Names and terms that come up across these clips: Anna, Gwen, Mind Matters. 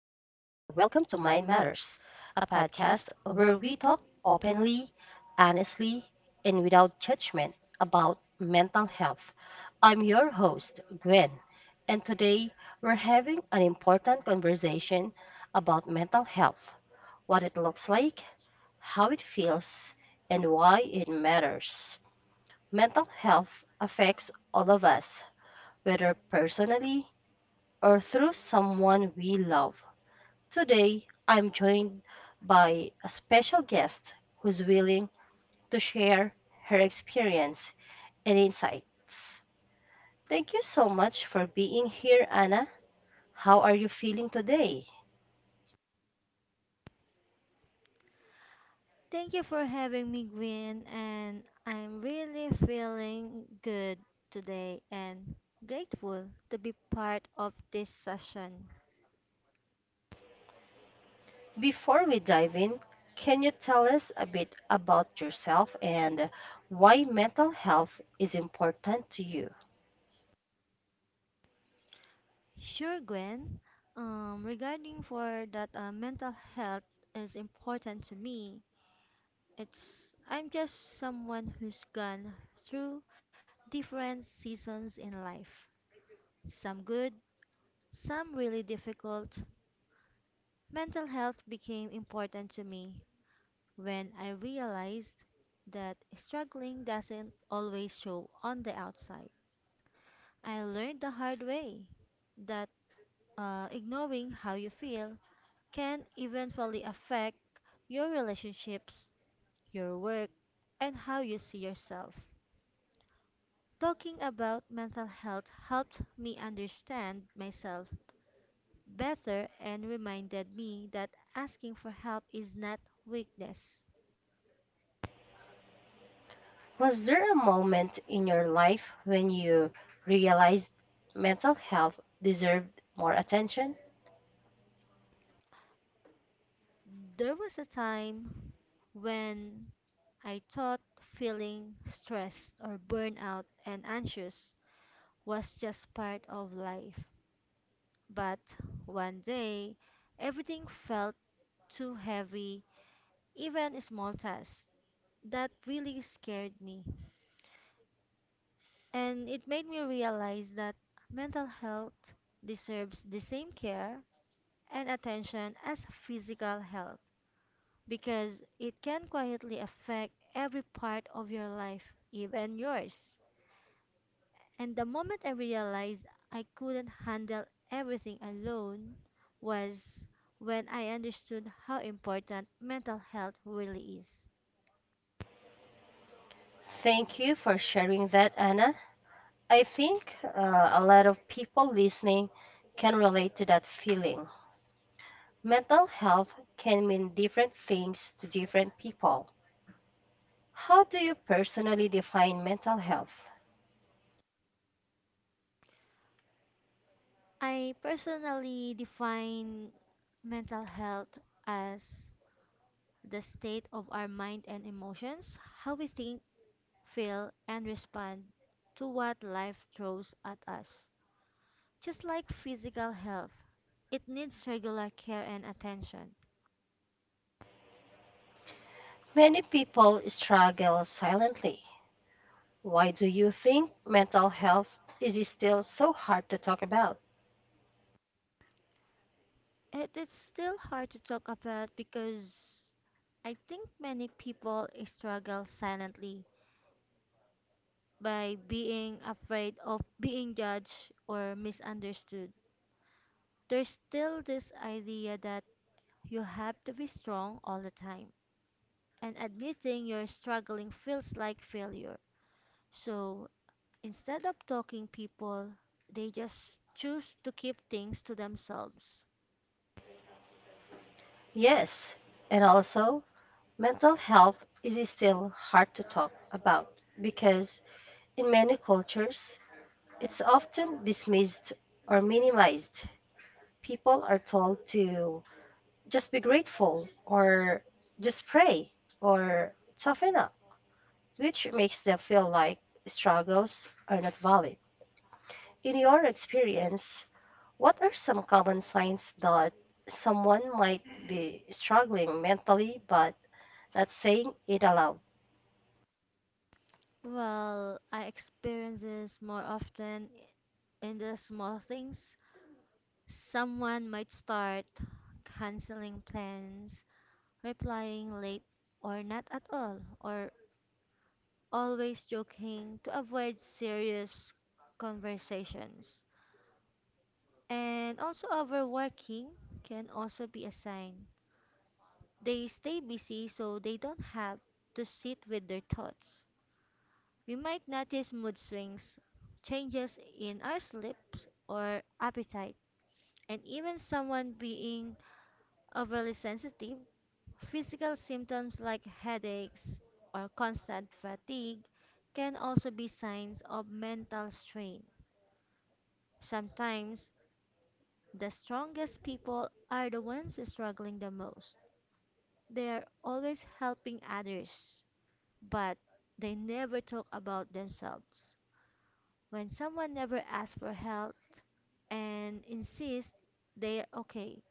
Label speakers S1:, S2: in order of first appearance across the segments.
S1: welcome to Mind Matters, a podcast where we talk openly, honestly, and without judgment about mental health. I'm your host, Gwen, and today we're having an important conversation about mental health: what it looks like, how it feels, and why it matters. Mental health affects all of us, whether personally or through someone we love. Today, I'm joined by a special guest who's willing to share her experience and insights. Thank you so much for being here, Anna. How are you feeling today?
S2: Thank you for having me, Gwen, and I'm really feeling good today and grateful to be part of this session.
S1: Before we dive in, can you tell us a bit about yourself and why mental health is important to you?
S2: Sure, Gwen. Regarding for that, mental health is important to me. It's I'm just someone who's gone through different seasons in life. Some good, some really difficult. Mental health became important to me when I realized that struggling doesn't always show on the outside. I learned the hard way that ignoring how you feel can eventually affect your relationships, your work, and how you see yourself. Talking about mental health helped me understand myself better and reminded me that asking for help is not weakness.
S1: Was there a moment in your life when you realized mental health deserved more attention?
S2: There was a time when I thought feeling stressed or burnout and anxious was just part of life. But one day, everything felt too heavy, even small tasks. That really scared me. And it made me realize that mental health deserves the same care and attention as physical health, because it can quietly affect every part of your life, even yours. And the moment I realized I couldn't handle everything alone was when I understood how important mental health really is.
S1: Thank you for sharing that, Anna. I think a lot of people listening can relate to that feeling. Mental health can mean different things to different people. How do you personally define mental health?
S2: I personally define mental health as the state of our mind and emotions, how we think, feel, and respond to what life throws at us. Just like physical health, it needs regular care and attention.
S1: Many people struggle silently. Why do you think mental health is still so hard to talk about?
S2: It is still hard to talk about because I think many people struggle silently by being afraid of being judged or misunderstood. There's still this idea that you have to be strong all the time, and admitting you're struggling feels like failure. So instead of talking people, they just choose to keep things to themselves.
S1: Yes, and also mental health is still hard to talk about because in many cultures it's often dismissed or minimized. People are told to just be grateful or just pray or toughen up, which makes them feel like struggles are not valid. In your experience, what are some common signs that someone might be struggling mentally but not saying it aloud?
S2: Well, I experience this more often in the small things. Someone might start canceling plans, replying late or not at all, or always joking to avoid serious conversations. And also, overworking can also be a sign. They stay busy so they don't have to sit with their thoughts. We might notice mood swings, changes in our sleep or appetite, and even someone being overly sensitive. Physical symptoms like headaches or constant fatigue can also be signs of mental strain. Sometimes, the strongest people are the ones struggling the most. They are always helping others, but they never talk about themselves. When someone never asks for help and insists they're okay,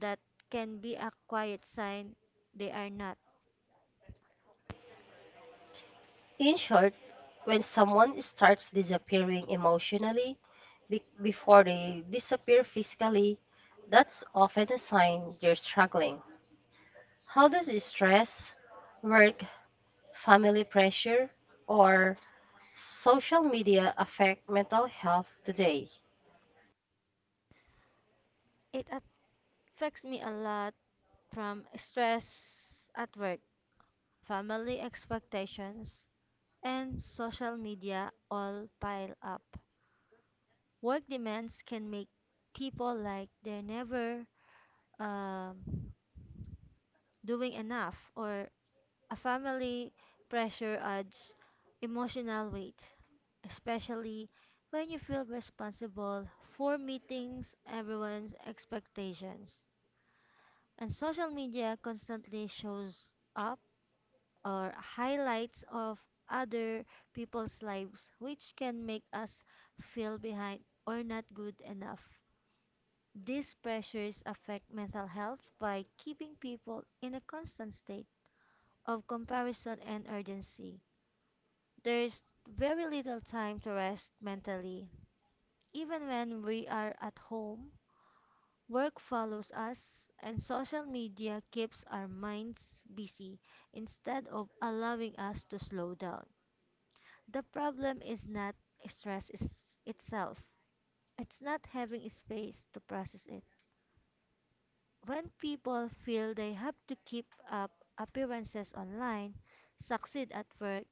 S2: that can be a quiet sign they are not.
S1: In short, when someone starts disappearing emotionally before they disappear physically, that's often a sign they're struggling. How does stress, work, family pressure, or social media affect mental health today?
S2: It affects me a lot from stress at work, family expectations, and social media all pile up. Work demands can make people like they're never um, doing enough or a family pressure adds emotional weight, especially when you feel responsible for meeting everyone's expectations. And social media constantly shows up or highlights of other people's lives, which can make us feel behind or not good enough. These pressures affect mental health by keeping people in a constant state of comparison and urgency. There's very little time to rest mentally. Even when we are at home, work follows us, and social media keeps our minds busy instead of allowing us to slow down. The problem is not stress is- itself, it's not having space to process it. When people feel they have to keep up appearances online, succeed at work,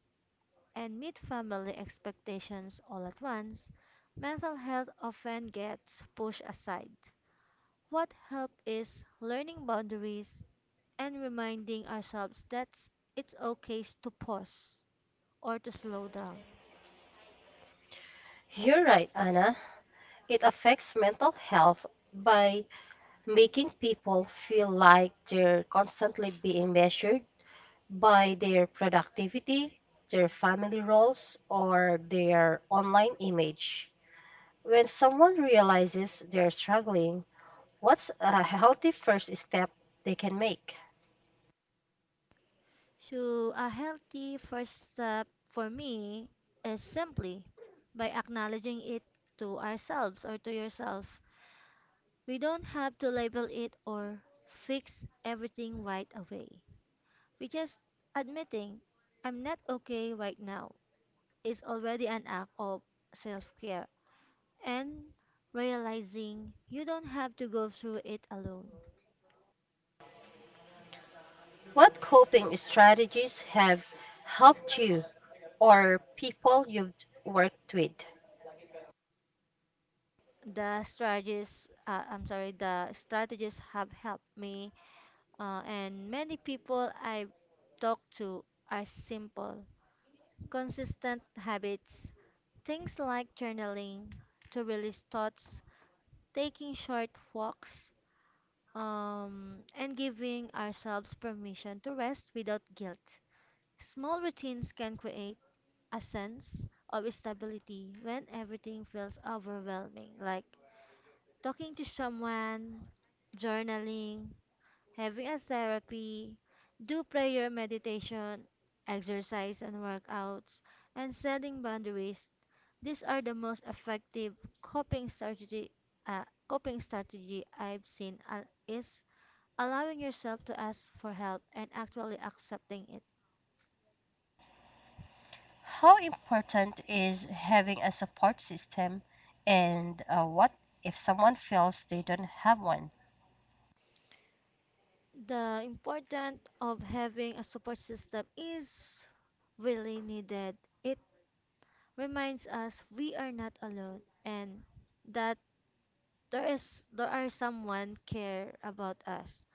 S2: and meet family expectations all at once, mental health often gets pushed aside. What help is learning boundaries and reminding ourselves that it's okay to pause or to slow down.
S1: You're right, Anna. It affects mental health by making people feel like they're constantly being measured by their productivity, their family roles, or their online image. When someone realizes they're struggling, what's a healthy first step they can make?
S2: So, a healthy first step for me is simply by acknowledging it to ourselves or to yourself. We don't have to label it or fix everything right away. We just admitting I'm not okay right now is already an act of self care. And realizing you don't have to go through it alone.
S1: What coping strategies have helped you or people you've worked with?
S2: The strategies have helped me, and many people I've talked to are simple, consistent habits. Things like journaling to release thoughts, taking short walks, and giving ourselves permission to rest without guilt. Small routines can create a sense of stability when everything feels overwhelming, like talking to someone, journaling, having a therapy, do prayer, meditation, exercise and workouts, and setting boundaries. These are the most effective coping strategy. Coping strategy I've seen is allowing yourself to ask for help and actually accepting it.
S1: How important is having a support system, and what if someone feels they don't have one?
S2: The importance of having a support system is really needed. It reminds us we are not alone and that there are someone care about us.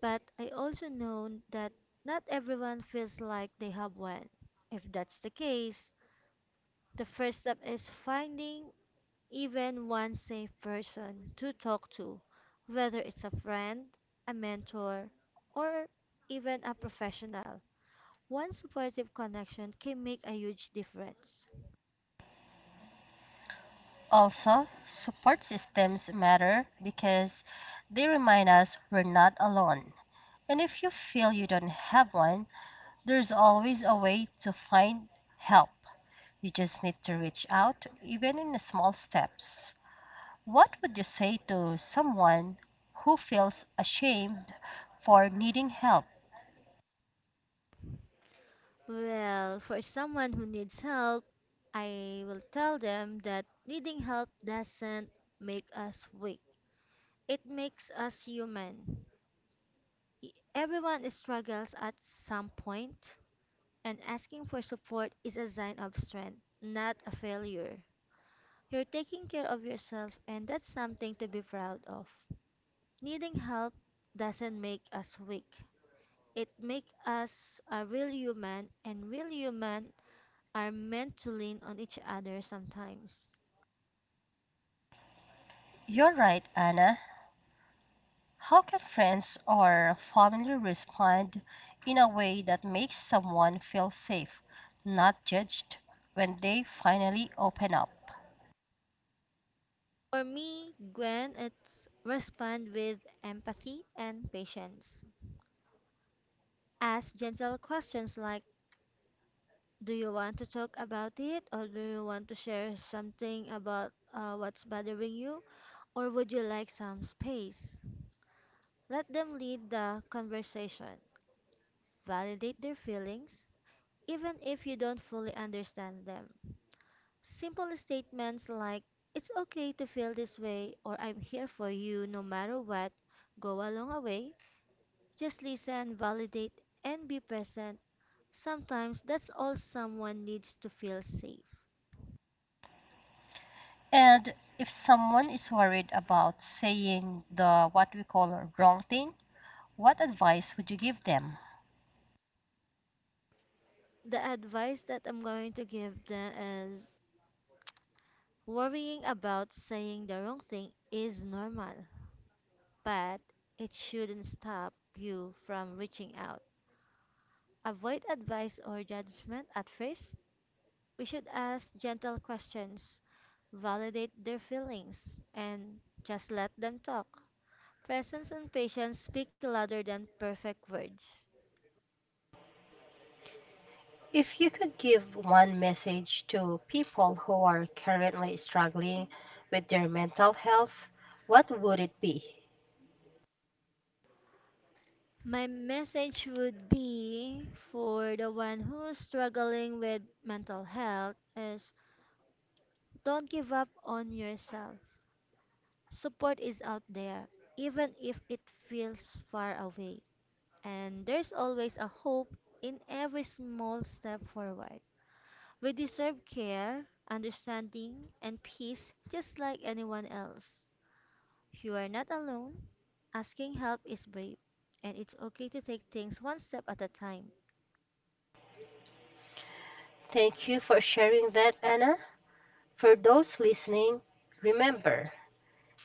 S2: But I also know that not everyone feels like they have one. If that's the case, the first step is finding even one safe person to talk to, whether it's a friend, a mentor, or even a professional. One supportive connection can make a huge difference.
S1: Also, support systems matter because they remind us we're not alone. And if you feel you don't have one, there's always a way to find help. You just need to reach out, even in the small steps. What would you say to someone who feels ashamed for needing help?
S2: Well, for someone who needs help, I will tell them that needing help doesn't make us weak. It makes us human. Everyone struggles at some point, and asking for support is a sign of strength, not a failure. You're taking care of yourself, and that's something to be proud of. Needing help doesn't make us weak. It makes us a real human, and real human are meant to lean on each other sometimes.
S1: You're right, Anna. How can friends or family respond in a way that makes someone feel safe, not judged, when they finally open up?
S2: For me, Gwen, it's respond with empathy and patience. Ask gentle questions like, do you want to talk about it or do you want to share something about what's bothering you or would you like some space? Let them lead the conversation. Validate their feelings, even if you don't fully understand them. Simple statements like, it's okay to feel this way, or I'm here for you no matter what, go a long way. Just listen, validate, and be present. Sometimes that's all someone needs to feel safe.
S1: And if someone is worried about saying the what we call a wrong thing, what advice would you give them?
S2: The advice that I'm going to give them is worrying about saying the wrong thing is normal, but it shouldn't stop you from reaching out. Avoid advice or judgment at first. We should ask gentle questions, validate their feelings, and just let them talk. Presence and patience speak louder than perfect words.
S1: If you could give one message to people who are currently struggling with their mental health, what would it be?
S2: My message would be for the one who's struggling with mental health is don't give up on yourself. Support is out there, even if it feels far away. And there's always a hope in every small step forward. We deserve care, understanding, and peace just like anyone else. You are not alone. Asking help is brave, and it's okay to take things one step at a time.
S1: Thank you for sharing that, Anna. For those listening, remember,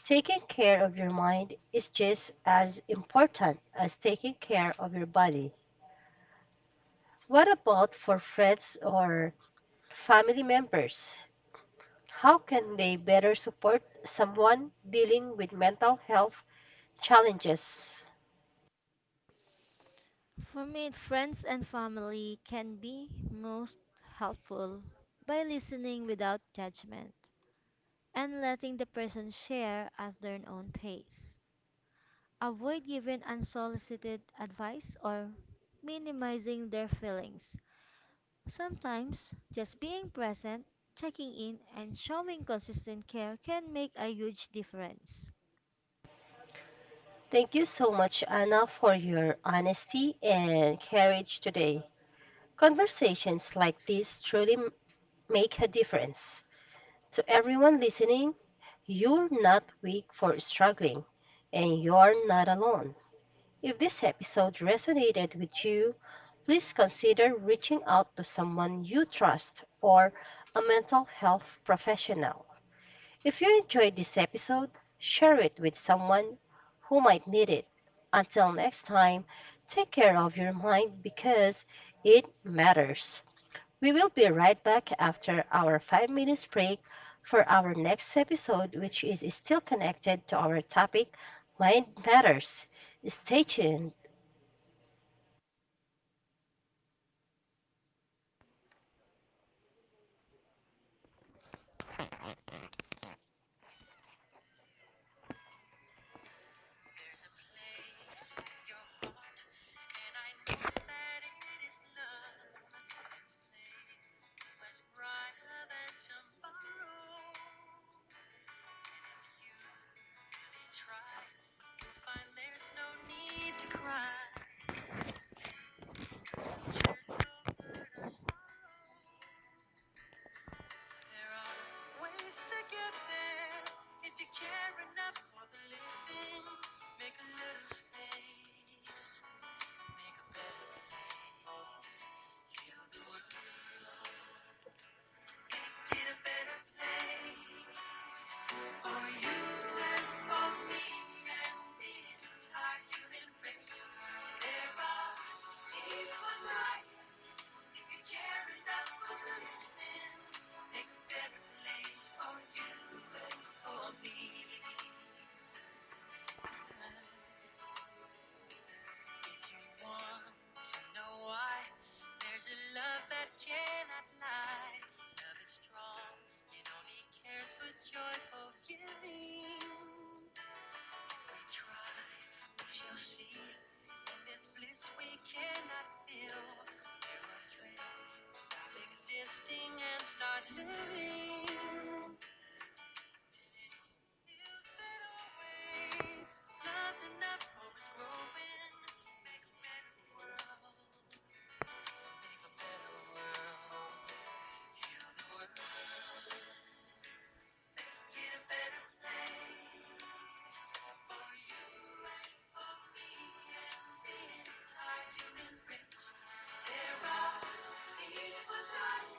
S1: taking care of your mind is just as important as taking care of your body. What about for friends or family members? How can they better support someone dealing with mental health challenges?
S2: For me, friends and family can be most helpful by listening without judgment and letting the person share at their own pace. Avoid giving unsolicited advice or minimizing their feelings. Sometimes, just being present, checking in, and showing consistent care can make a huge difference.
S1: Thank you so much, Anna, for your honesty and courage today. Conversations like this make a difference. To everyone listening, you're not weak for struggling, and you're not alone. If this episode resonated with you, please consider reaching out to someone you trust or a mental health professional. If you enjoyed this episode, share it with someone who might need it. Until next time, take care of your mind because it matters. We will be right back after our 5 minute break for our next episode, which is still connected to our topic Mind Matters. Stay tuned.
S2: Really find there's no need to cry. There are ways to get there if you care enough for the living. Make a little space, make a better place. Heal the world, make it a better place for you and for me and the entire human race. There are people like if you care enough for living, make a better place for you and for me. If you want to know why, there's a love that cannot lie. Love is strong, it only cares for joyful giving. Try, we shall see. In this bliss we cannot feel. There are three. Stop existing and start living. Feels that always nothing left. Hope is growing. Make a better world. Make a better world. Heal the world. Get a better place for you and for me and the entire human race. There are people that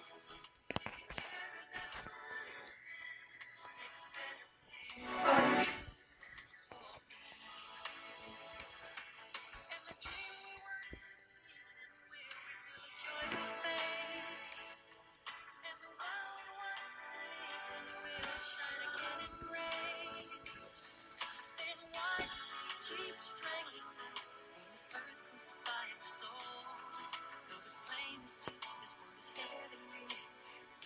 S2: in a better place. And the dream we were seeing will reveal a joyful face. And the world we're living will shine again in grace. Then why keep strangling this earth crucify its soul? Though it's plain to see that this world is heavenly,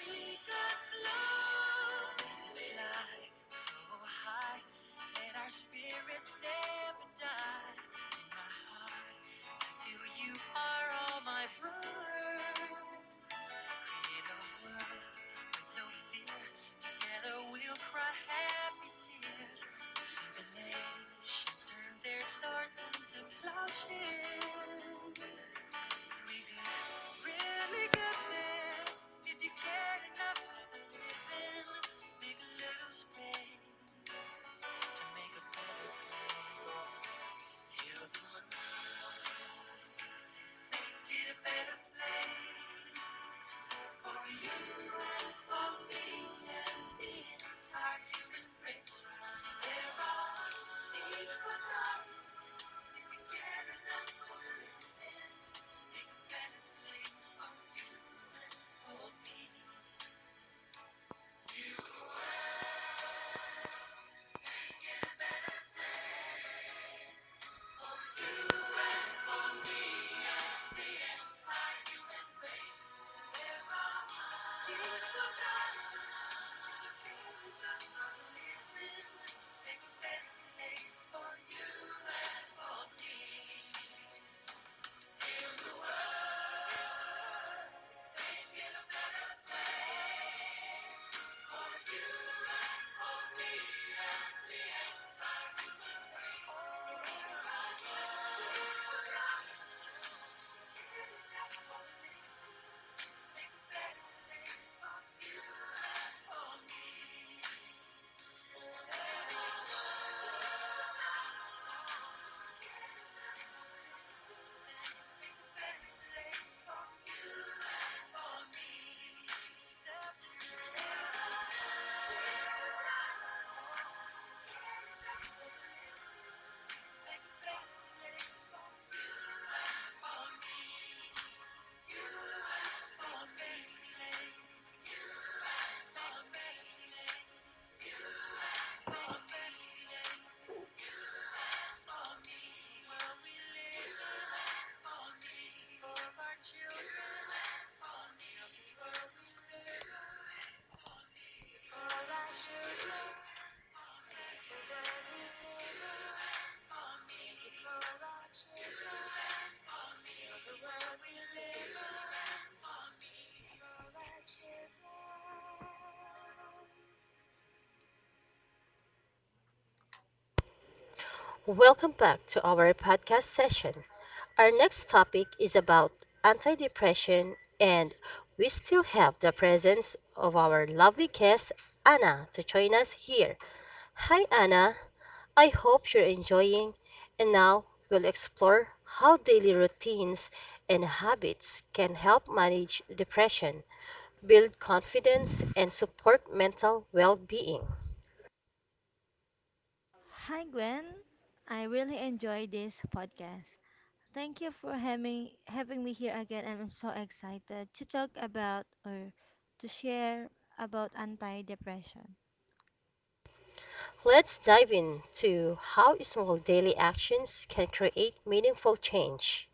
S2: we got love we fly so high, and our spirits never die. In my heart, I feel you are all my brothers. Create a world with no fear. Together we'll cry happy tears. And see the nations turn their swords into plowshares. We do really good things if you care enough for the living. Make little space to make a better place. You're the one make it a better place for you and for me and the entire human race. They're all equal if you care enough for the living children, for our children.
S1: Welcome back to our podcast session. Our next topic is about anti-depression, and we still have the presence of our lovely guest, Anna, to join us here. Hi, Anna. I hope you're enjoying, and now we'll explore how daily routines and habits can help manage depression, build confidence, and support mental well being.
S2: Hi Gwen, I really enjoy this podcast. Thank you for having me here again and I'm so excited to talk about or to share about anti-depression.
S1: Let's dive into how small daily actions can create meaningful change.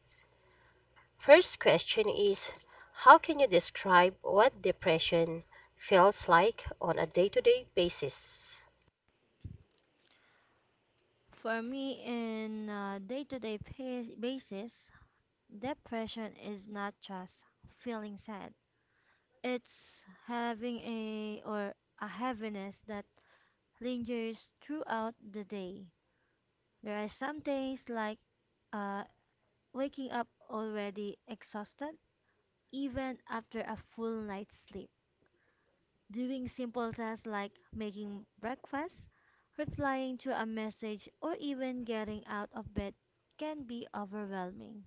S1: First question is: how can you describe what depression feels like on a day to day basis?
S2: For me in a basis, depression is not just feeling sad. It's having a or a heaviness that lingers throughout the day. There are some days like uh, waking up already exhausted, even after a full night's sleep. Doing simple tasks like making breakfast, replying to a message, or even getting out of bed can be overwhelming.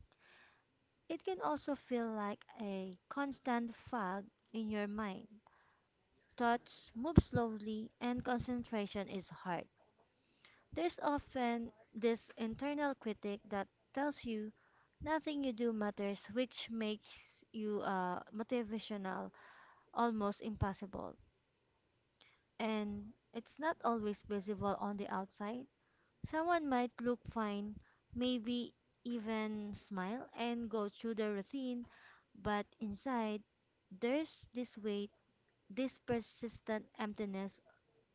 S2: It can also feel like a constant fog in your mind. Thoughts move slowly and concentration is hard. There's often this internal critic that tells you nothing you do matters, which makes you motivational almost impossible. And it's not always visible on the outside. Someone might look fine, maybe even smile and go through the routine, but inside there's this weight, this persistent emptiness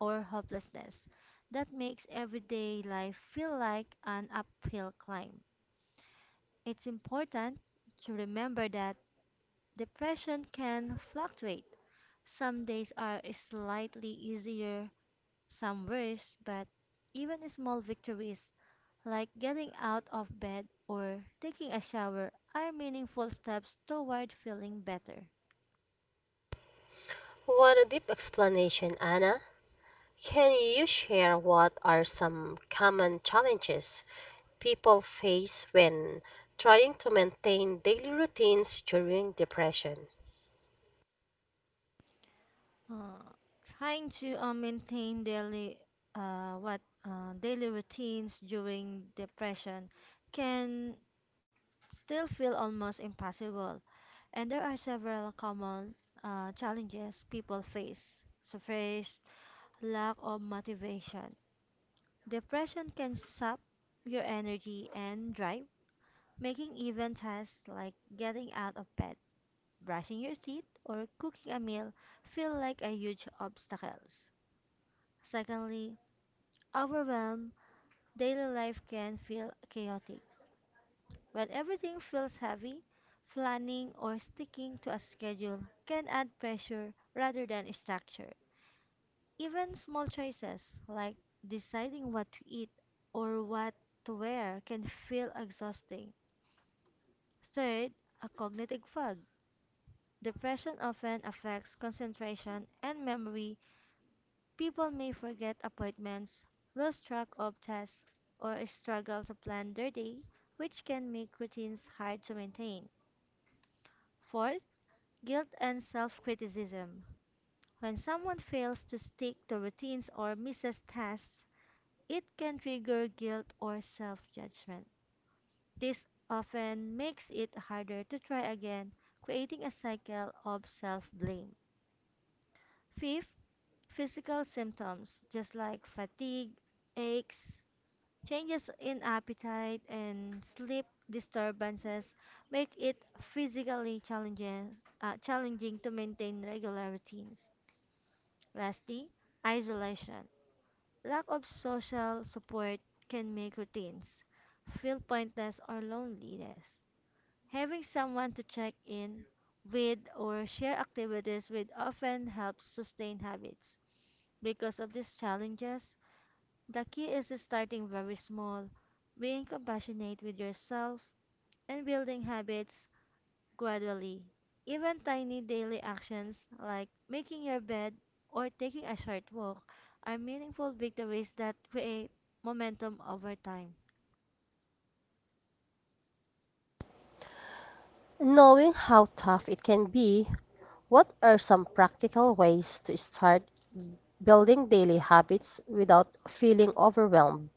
S2: or hopelessness that makes everyday life feel like an uphill climb. It's important to remember that depression can fluctuate. Some days are slightly easier, some worse, but even a small victories like getting out of bed or taking a shower are meaningful steps toward feeling better.
S1: What a deep explanation, Anna. Can you share what are some common challenges people face when trying to maintain daily routines during depression?
S2: Uh, trying to maintain daily what Daily routines during depression can still feel almost impossible, and there are several common challenges people face. So first, lack of motivation. Depression can sap your energy and drive, making even tasks like getting out of bed, brushing your teeth, or cooking a meal feel like a huge obstacles. Secondly, overwhelm. Daily life can feel chaotic. When everything feels heavy, planning or sticking to a schedule can add pressure rather than structure. Even small choices like deciding what to eat or what to wear can feel exhausting. Third, a cognitive fog. Depression often affects concentration and memory. People may forget appointments, lose track of tasks, or struggle to plan their day, which can make routines hard to maintain. Fourth, guilt and self criticism. When someone fails to stick to routines or misses tasks, it can trigger guilt or self judgment. This often makes it harder to try again, creating a cycle of self blame. Fifth, physical symptoms, just like fatigue, aches, changes in appetite, and sleep disturbances, make it physically challenging to maintain regular routines. Lastly, isolation. Lack of social support can make routines feel pointless or loneliness. Having someone to check in with or share activities with often helps sustain habits. Because of these challenges, the key is starting very small, being compassionate with yourself, and building habits gradually. Even tiny daily actions like making your bed or taking a short walk are meaningful victories that create momentum over time.
S1: Knowing how tough it can be, what are some practical ways to start building daily habits without feeling overwhelmed?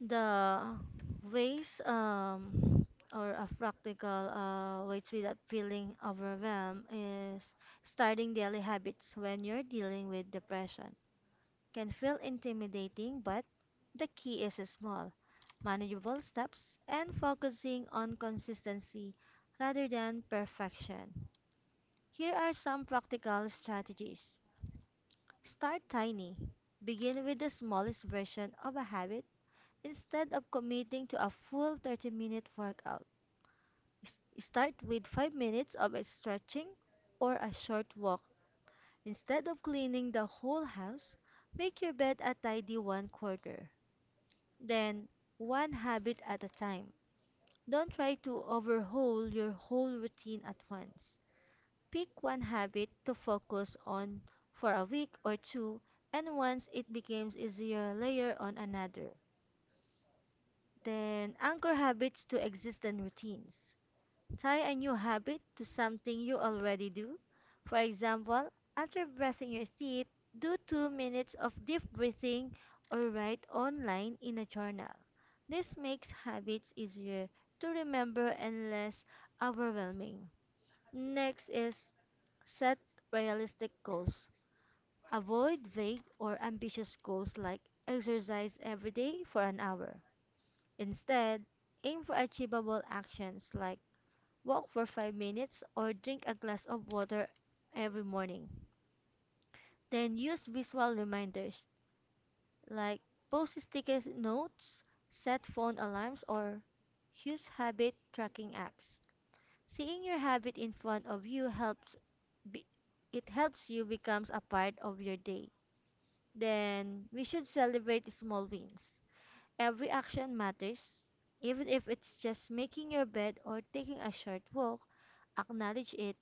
S2: The ways or a practical way to that feeling overwhelmed is Starting daily habits when you're dealing with depression can feel intimidating, but the key is small, manageable steps and focusing on consistency rather than perfection. Here are some practical strategies. Start tiny. Begin with the smallest version of a habit instead of committing to a full 30-minute workout. Start with 5 minutes of a stretching or a short walk. Instead of cleaning the whole house, make your bed a tidy one quarter. Then, one habit at a time. Don't try to overhaul your whole routine at once. Pick one habit to focus on for a week or two, and once it becomes easier, layer on another. Then, anchor habits to existing routines. Tie a new habit to something you already do. For example, after brushing your teeth, do 2 minutes of deep breathing or write online in a journal. This makes habits easier to remember and less overwhelming. Next is set realistic goals. Avoid vague or ambitious goals like exercise every day for an hour. Instead, aim for achievable actions like walk for 5 minutes, or drink a glass of water every morning. Then use visual reminders like post sticky notes, set phone alarms, or use habit tracking apps. Seeing your habit in front of you helps be, it helps you becomes a part of your day. Then we should celebrate small wins. Every action matters, even if it's just making your bed or taking a short walk, acknowledge it.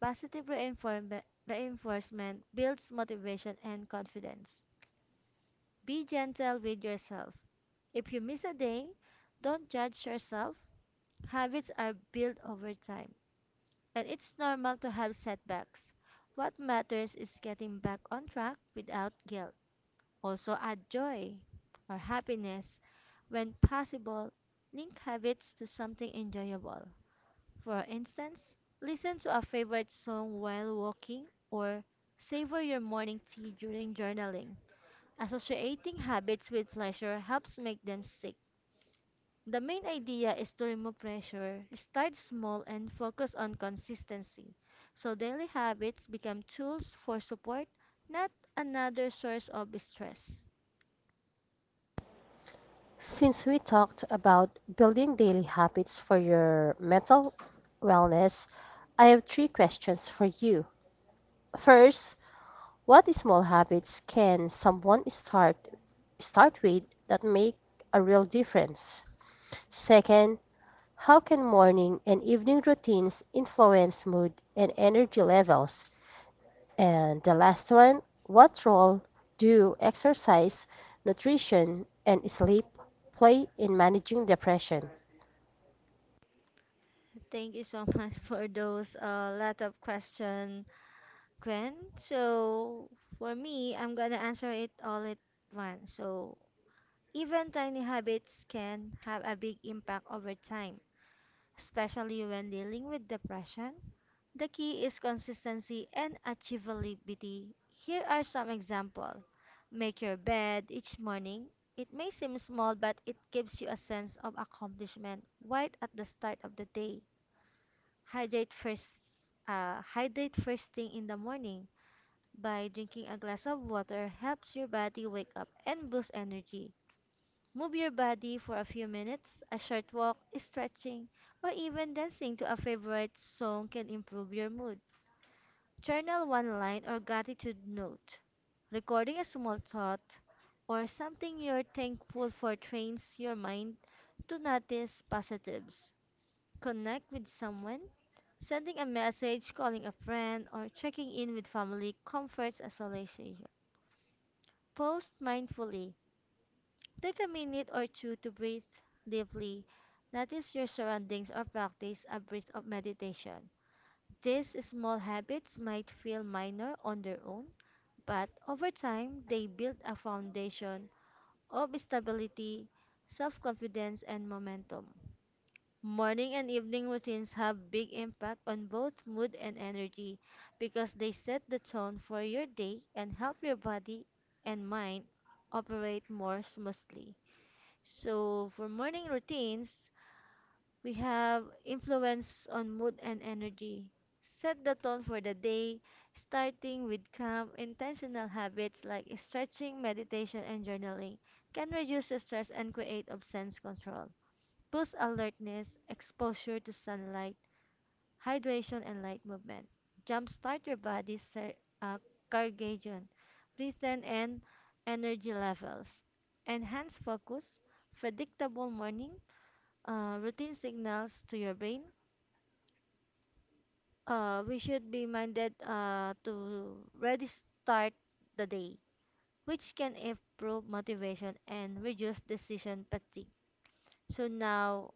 S2: Positive reinforcement builds motivation and confidence. Be gentle with yourself. If you miss a day, don't judge yourself. Habits are built over time, and it's normal to have setbacks. What matters is getting back on track without guilt. Also, add joy or happiness. When possible, link habits to something enjoyable. For instance, listen to a favorite song while walking or savor your morning tea during journaling. Associating habits with pleasure helps make them stick. The main idea is to remove pressure, start small, and focus on consistency. So daily habits become tools for support, not another source of stress.
S1: Since we talked about building daily habits for your mental wellness, I have three questions for you. First, what small habits can someone start with that make a real difference? Second, how can morning and evening routines influence mood and energy levels? And the last one, what role do exercise, nutrition, and sleep play in managing depression?
S2: Thank you so much for those lot of questions, Gwen. So for me, I'm gonna answer it all at once. So even tiny habits can have a big impact over time, especially when dealing with depression. The key is consistency and achievability. Here are some examples. Make your bed each morning. It may seem small, but it gives you a sense of accomplishment right at the start of the day. Hydrate first. Hydrate first thing in the morning by drinking a glass of water helps your body wake up and boost energy. Move your body for a few minutes, a short walk, stretching, or even dancing to a favorite song can improve your mood. Journal one line or gratitude note. Recording a small thought or something you're thankful for trains your mind to notice positives. Connect with someone. Sending a message, calling a friend, or checking in with family comforts isolation. Pause mindfully. Take a minute or two to breathe deeply. Notice your surroundings or practice a breath of meditation. These small habits might feel minor on their own, but over time they build a foundation of stability, self confidence, and momentum. Morning and evening routines have big impact on both mood and energy because they set the tone for your day and help your body and mind operate more smoothly. So for morning routines, we have influence on mood and energy. Set the tone for the day, starting with calm, intentional habits like stretching, meditation, and journaling can reduce stress and create of sense control boosts alertness, exposure to sunlight, hydration, and light movement. Jumpstart your body's circadian rhythm and energy levels. Enhance focus, predictable morning routine signals to your brain. We should be minded to ready start the day, which can improve motivation and reduce decision fatigue. So now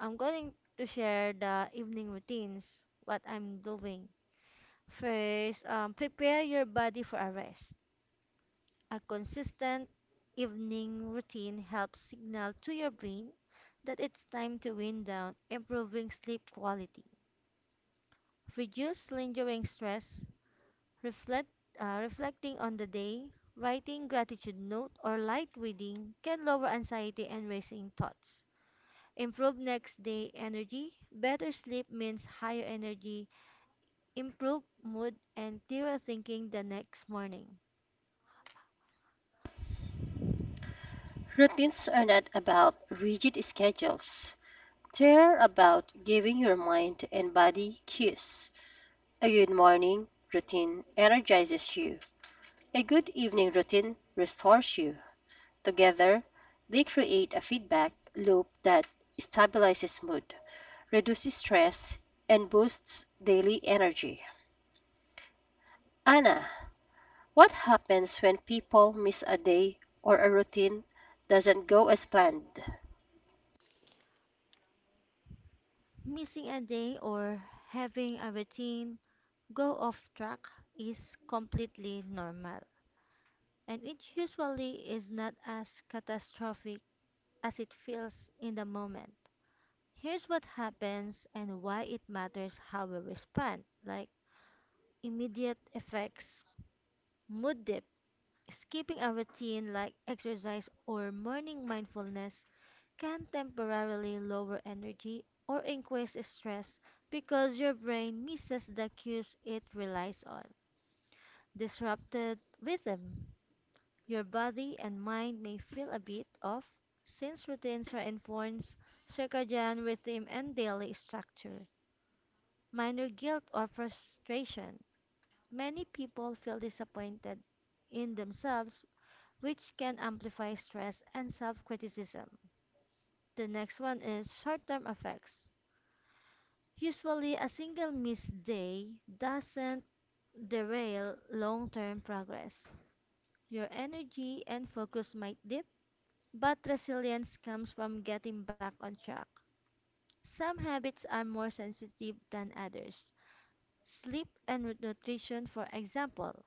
S2: I'm going to share the evening routines, what I'm doing. First, prepare your body for a rest. A consistent evening routine helps signal to your brain that it's time to wind down, improving sleep quality. Reduce lingering stress, reflect, reflecting on the day, writing gratitude note or light reading can lower anxiety and racing thoughts. Improve next day energy. Better sleep means higher energy, improve mood, and clearer thinking the next morning.
S1: Routines are not about rigid schedules. They're about giving your mind and body cues. A good morning routine energizes you. A good evening routine restores you. Together, they create a feedback loop that stabilizes mood, reduces stress, and boosts daily energy. Anna, what happens when people miss a day or a routine doesn't go as planned?
S2: Missing a day or having a routine go off track is completely normal, and it usually is not as catastrophic as it feels in the moment. Here's what happens and why it matters how we respond, like immediate effects, mood dip. Skipping a routine like exercise or morning mindfulness can temporarily lower energy or increase stress because your brain misses the cues it relies on. Disrupted rhythm. Your body and mind may feel a bit off since routines reinforce circadian rhythm and daily structure. Minor guilt or frustration. Many people feel disappointed in themselves which can amplify stress and self criticism. The next one is short term effects. Usually, a single missed day doesn't derail long term progress. Your energy and focus might dip, but resilience comes from getting back on track. Some habits are more sensitive than others. Sleep and nutrition, for example,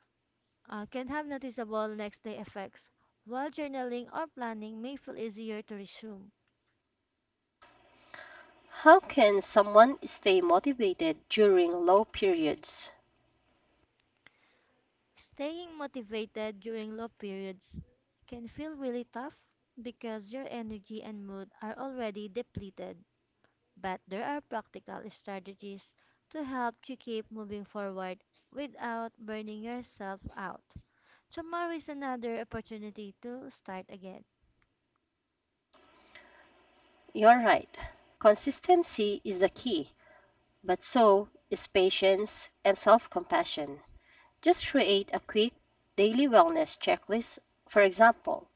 S2: can have noticeable next day effects, while journaling or planning may feel easier to resume.
S1: How can someone stay motivated during low periods?
S2: Staying motivated during low periods can feel really tough because your energy and mood are already depleted. But there are practical strategies to help you keep moving forward without burning yourself out. Tomorrow is another opportunity to start again.
S1: You're right. Consistency is the key. But so is patience and self compassion. Just create a quick daily wellness checklist. For example,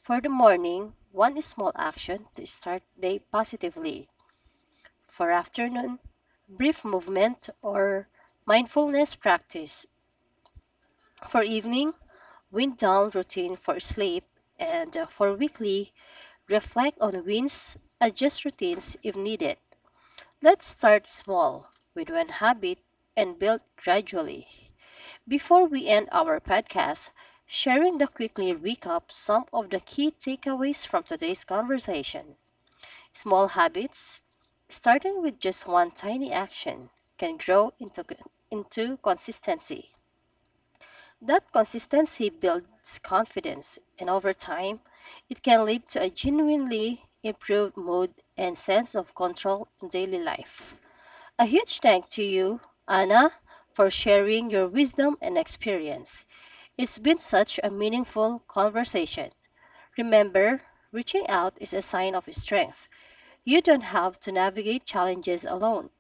S1: for the morning, one small action to start day positively. For afternoon, brief movement or mindfulness practice. For evening, wind down routine for sleep. And for weekly, reflect on wins, adjust routines if needed. Let's start small with one habit and build gradually. Before we end our podcast, sharing the quickly recap some of the key takeaways from today's conversation. Small habits, starting with just one tiny action, can into consistency. That consistency builds confidence, and over time, it can lead to a genuinely improved mood and sense of control in daily life. A huge thank to you, Anna, for sharing your wisdom and experience. It's been such a meaningful conversation. Remember, reaching out is a sign of strength. You don't have to navigate challenges alone.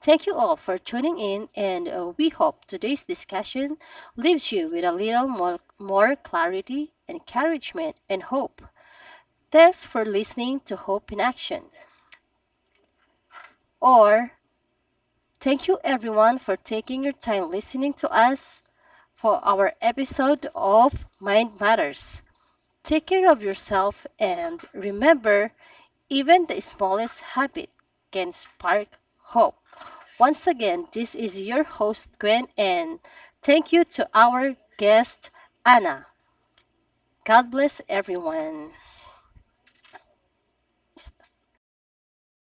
S1: Thank you all for tuning in, and we hope today's discussion leaves you with a little more clarity, encouragement, and hope. Thanks for listening to Hope in Action. Or, thank you everyone for taking your time listening to us for our episode of Mind Matters. Take care of yourself and remember, even the smallest habit can spark hope. Once again, this is your host, Gwen, and thank you to our guest, Anna. God bless everyone.